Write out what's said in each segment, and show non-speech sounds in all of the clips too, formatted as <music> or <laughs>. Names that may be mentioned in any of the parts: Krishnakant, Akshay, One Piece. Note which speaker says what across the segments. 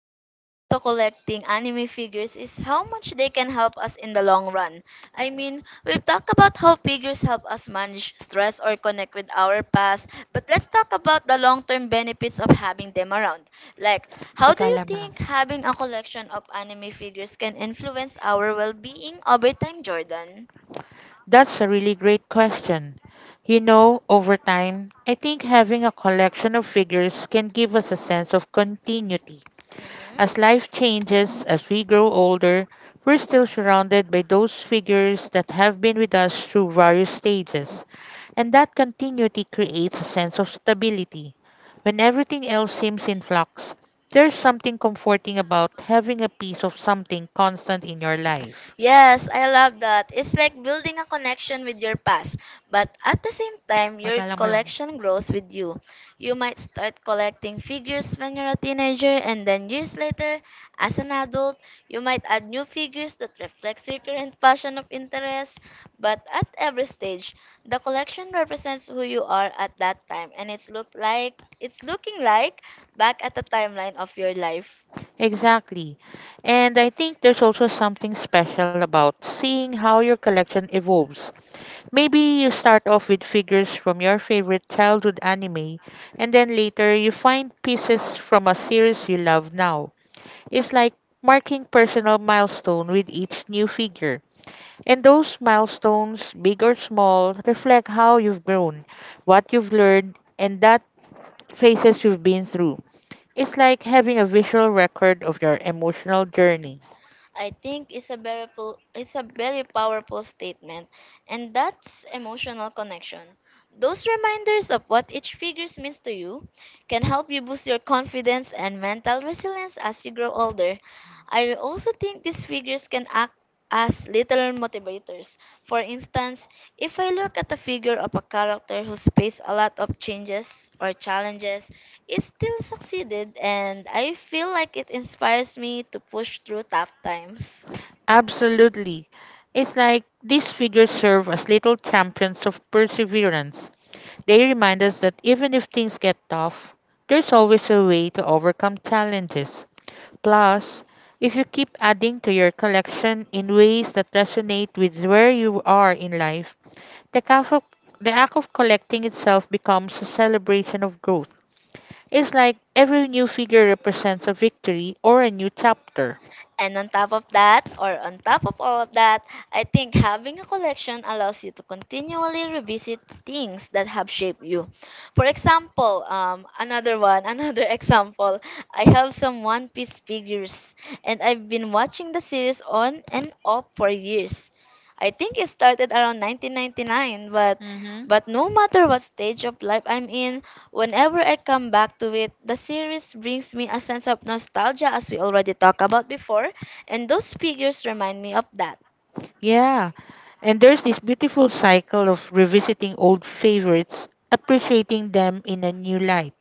Speaker 1: when it comes to collecting anime figures is how much they can help us in the long run. I mean, we've talked about how figures help us manage stress or connect with our past, but let's talk about the long term benefits of having them around. Like, how do you think having a collection of anime figures can influence our well being over time, Jordan?
Speaker 2: That's a really great question. You know, over time, I think having a collection of figures can give us a sense of continuity. As life
Speaker 1: Mm-hmm.
Speaker 2: changes, as we grow older, we're still surrounded by those figures that have been with us through various stages. And that continuity creates a sense of stability. When everything else seems in flux, there's something comforting about having a piece of something constant in your life.
Speaker 1: Yes, I love that. It's like building a connection with your past, but at the same time, your
Speaker 2: Magala mo lang.
Speaker 1: collection grows with you. You might start collecting figures when you're a teenager, and then years later, as an adult, you might add new figures that reflects your current passion of interest. But at every stage, the collection represents who you are at that time, and it's looking like back at the timeline of your life.
Speaker 2: Exactly. And I think there's also something special about seeing how your collection evolves. Maybe you start off with figures from your favorite childhood anime, and then later you find pieces from a series you love now is like marking personal milestone with each new figure. And those milestones, big or small, reflect how you've grown, what you've learned, and that phases you've been through. It's like having a visual record of your emotional journey.
Speaker 1: I think is a very powerful statement, and that's emotional connection. Those reminders of what each figure means to you can help you boost your confidence and mental resilience as you grow older. I also think these figures can act as little motivators. For instance, if I look at the figure of a character who's faced a lot of changes or challenges, it still succeeded and I feel like it inspires me to push through tough times.
Speaker 2: Absolutely. It's like these figures serve as little champions of perseverance. They remind us that even if things get tough, there's always a way to overcome challenges. Plus, if you keep adding to your collection in ways that resonate with where you are in life, the act of, the act of collecting itself becomes a celebration of growth. It's like every new figure represents a victory or a new chapter.
Speaker 1: And on top of that, or on top of all of that, I think having a collection allows you to continually revisit things that have shaped you. For example, <laughs> another example, I have some One Piece figures, and I've been watching the series on and off for years. I think it started around 1999, but
Speaker 2: hmm
Speaker 1: but no matter what stage of life I'm in, whenever I come back to it, the series brings me a sense of nostalgia, as we already talked about before, and those figures remind me of that.
Speaker 2: Yeah. And there's this beautiful cycle of revisiting old favorites, appreciating them in a new light,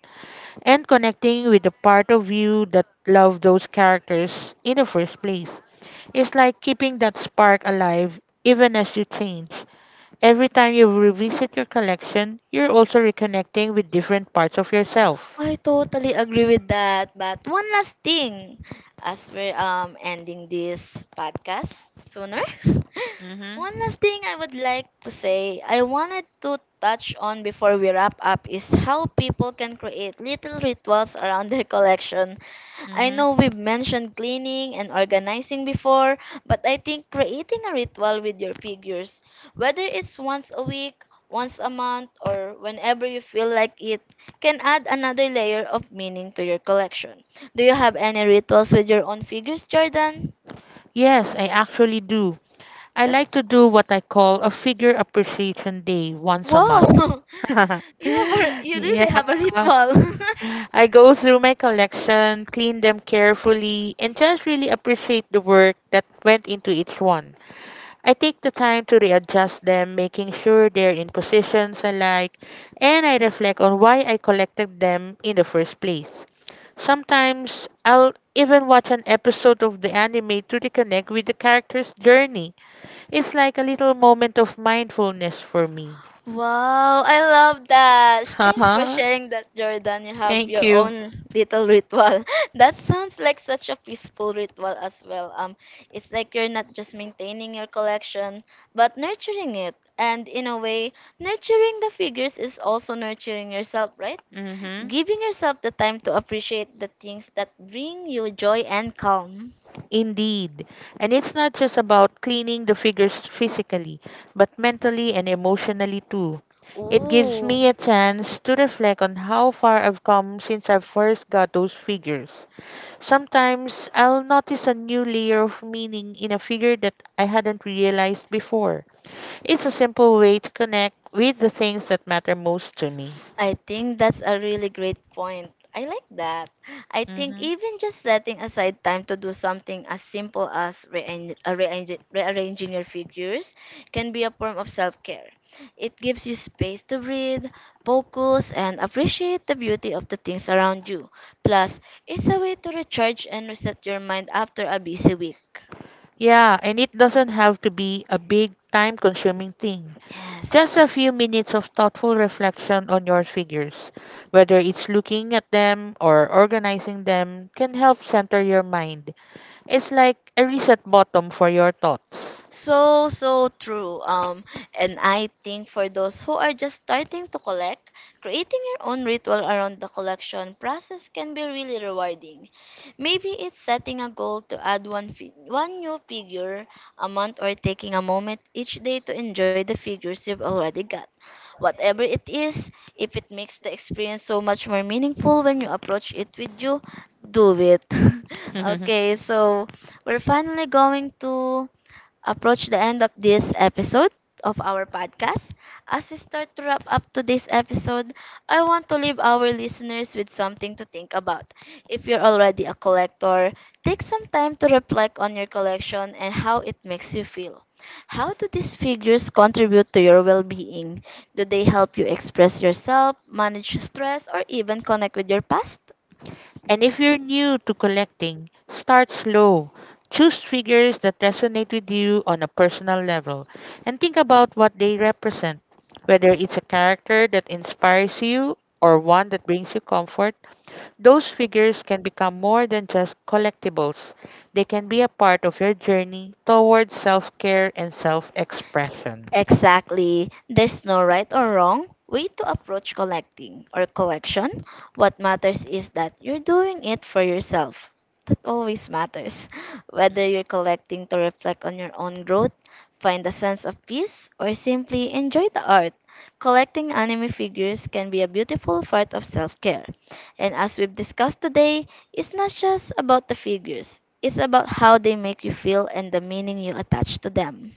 Speaker 2: and connecting with the part of you that loved those characters in the first place. It's like keeping that spark alive even as you change. Every time you revisit your collection, you're also reconnecting with different parts of yourself.
Speaker 1: I totally agree with that. But one last thing, as we're ending this podcast sooner, <laughs>
Speaker 2: Mm-hmm.
Speaker 1: one last thing I would like to say, I wanted to touch on before we wrap up is how people can create little rituals around their collection. I
Speaker 2: Mm-hmm.
Speaker 1: know we've mentioned cleaning and organizing before, but I think creating a ritual with your figures, whether it's once a week, once a month, or whenever you feel like it, can add another layer of meaning to your collection. Do you have any rituals with your own figures, Jordan?
Speaker 2: Yes, I actually do. I
Speaker 1: That's
Speaker 2: like to do what I call a figure appreciation day once a month.
Speaker 1: wow.
Speaker 2: <laughs>
Speaker 1: <laughs> You
Speaker 2: Yeah.
Speaker 1: really have a ritual. <laughs>
Speaker 2: I go through my collection, clean them carefully, and just really appreciate the work that went into each one. I take the time to readjust them, making sure they're in positions I like, and I reflect on why I collected them in the first place. Sometimes I'll even watch an episode of the anime to reconnect with the character's journey. It's like a little moment of mindfulness for me.
Speaker 1: Wow, I love that. Thanks for
Speaker 2: uh
Speaker 1: sharing that, Jordan. You have
Speaker 2: Thank
Speaker 1: your
Speaker 2: you.
Speaker 1: own little ritual. <laughs> That sounds like such a peaceful ritual as well. It's like you're not just maintaining your collection, but nurturing it. And in a way, nurturing the figures is also nurturing yourself, right?
Speaker 2: Mm-hmm.
Speaker 1: Giving yourself the time to appreciate the things that bring you joy and calm.
Speaker 2: Indeed. And it's not just about cleaning the figures physically, but mentally and emotionally too. It gives me a
Speaker 1: Ooh,
Speaker 2: chance to reflect on how far I've come since I first got those figures. Sometimes I'll notice a new layer of meaning in a figure that I hadn't realized before. It's a simple way to connect with the things that matter most to me.
Speaker 1: I think that's a really great point. I like that. I think even just setting aside time to do something as simple as rearranging your figures can be a form of self care. It gives you space to breathe, focus, and appreciate the beauty of the things around you. Plus, it's a way to recharge and reset your mind after a busy week.
Speaker 2: Yeah, and it doesn't have to be a big time consuming thing. Just
Speaker 1: Yes.
Speaker 2: a few minutes of thoughtful reflection on your figures, whether it's looking at them or organizing them, can help center your mind. It's like a reset button for your thoughts.
Speaker 1: So true. And I think for those who are just starting to collect, creating your own ritual around the collection process can be really rewarding. Maybe it's setting a goal to add one new figure a month or taking a moment each day to enjoy the figures you've already got. Whatever it is, if it makes the experience so much more meaningful when you approach it with you, do it. <laughs>
Speaker 2: <laughs>
Speaker 1: Okay, so we're finally going to approach the end of this episode of our podcast. As we start to wrap up today's episode, I want to leave our listeners with something to think about. If you're already a collector, take some time to reflect on your collection and how it makes you feel. How do these figures contribute to your well being? Do they help you express yourself, manage stress, or even connect with your past?
Speaker 2: And if you're new to collecting, start slow. Choose figures that resonate with you on a personal level and think about what they represent, whether it's a character that inspires you or one that brings you comfort. Those figures can become more than just collectibles. They can be a part of your journey towards self-care and self-expression.
Speaker 1: Exactly. There's no right or wrong way to approach collecting or collection. What matters is that you're doing it for yourself. That always matters. Whether you're collecting to reflect on your own growth, find a sense of peace, or simply enjoy the art, collecting anime figures can be a beautiful part of self care. And as we've discussed today, it's not just about the figures, it's about how they make you feel and the meaning you attach to them.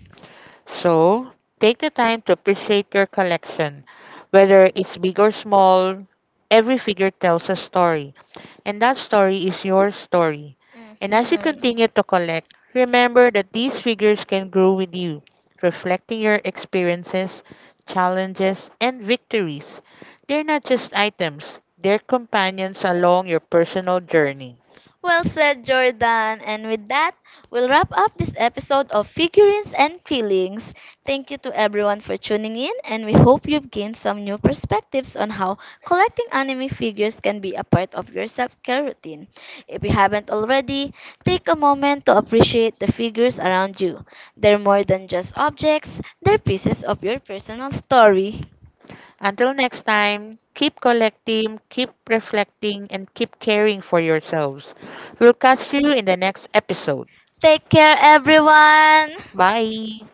Speaker 2: So take the time to appreciate your collection. Whether it's big or small, every figure tells a story. And that story is your story. And as you continue to collect, remember that these figures can grow with you, reflecting your experiences, challenges, and victories. They're not just items, they're companions along your personal journey.
Speaker 1: Well said, Jordan. And with that, we'll wrap up this episode of Figurines and Feelings. Thank you to everyone for tuning in, and we hope you've gained some new perspectives on how collecting anime figures can be a part of your self care routine. If you haven't already, take a moment to appreciate the figures around you. They're more than just objects, they're pieces of your personal story.
Speaker 2: Until next time, keep collecting, keep reflecting, and keep caring for yourselves. We'll catch you in the next episode.
Speaker 1: Take care, everyone!
Speaker 2: Bye.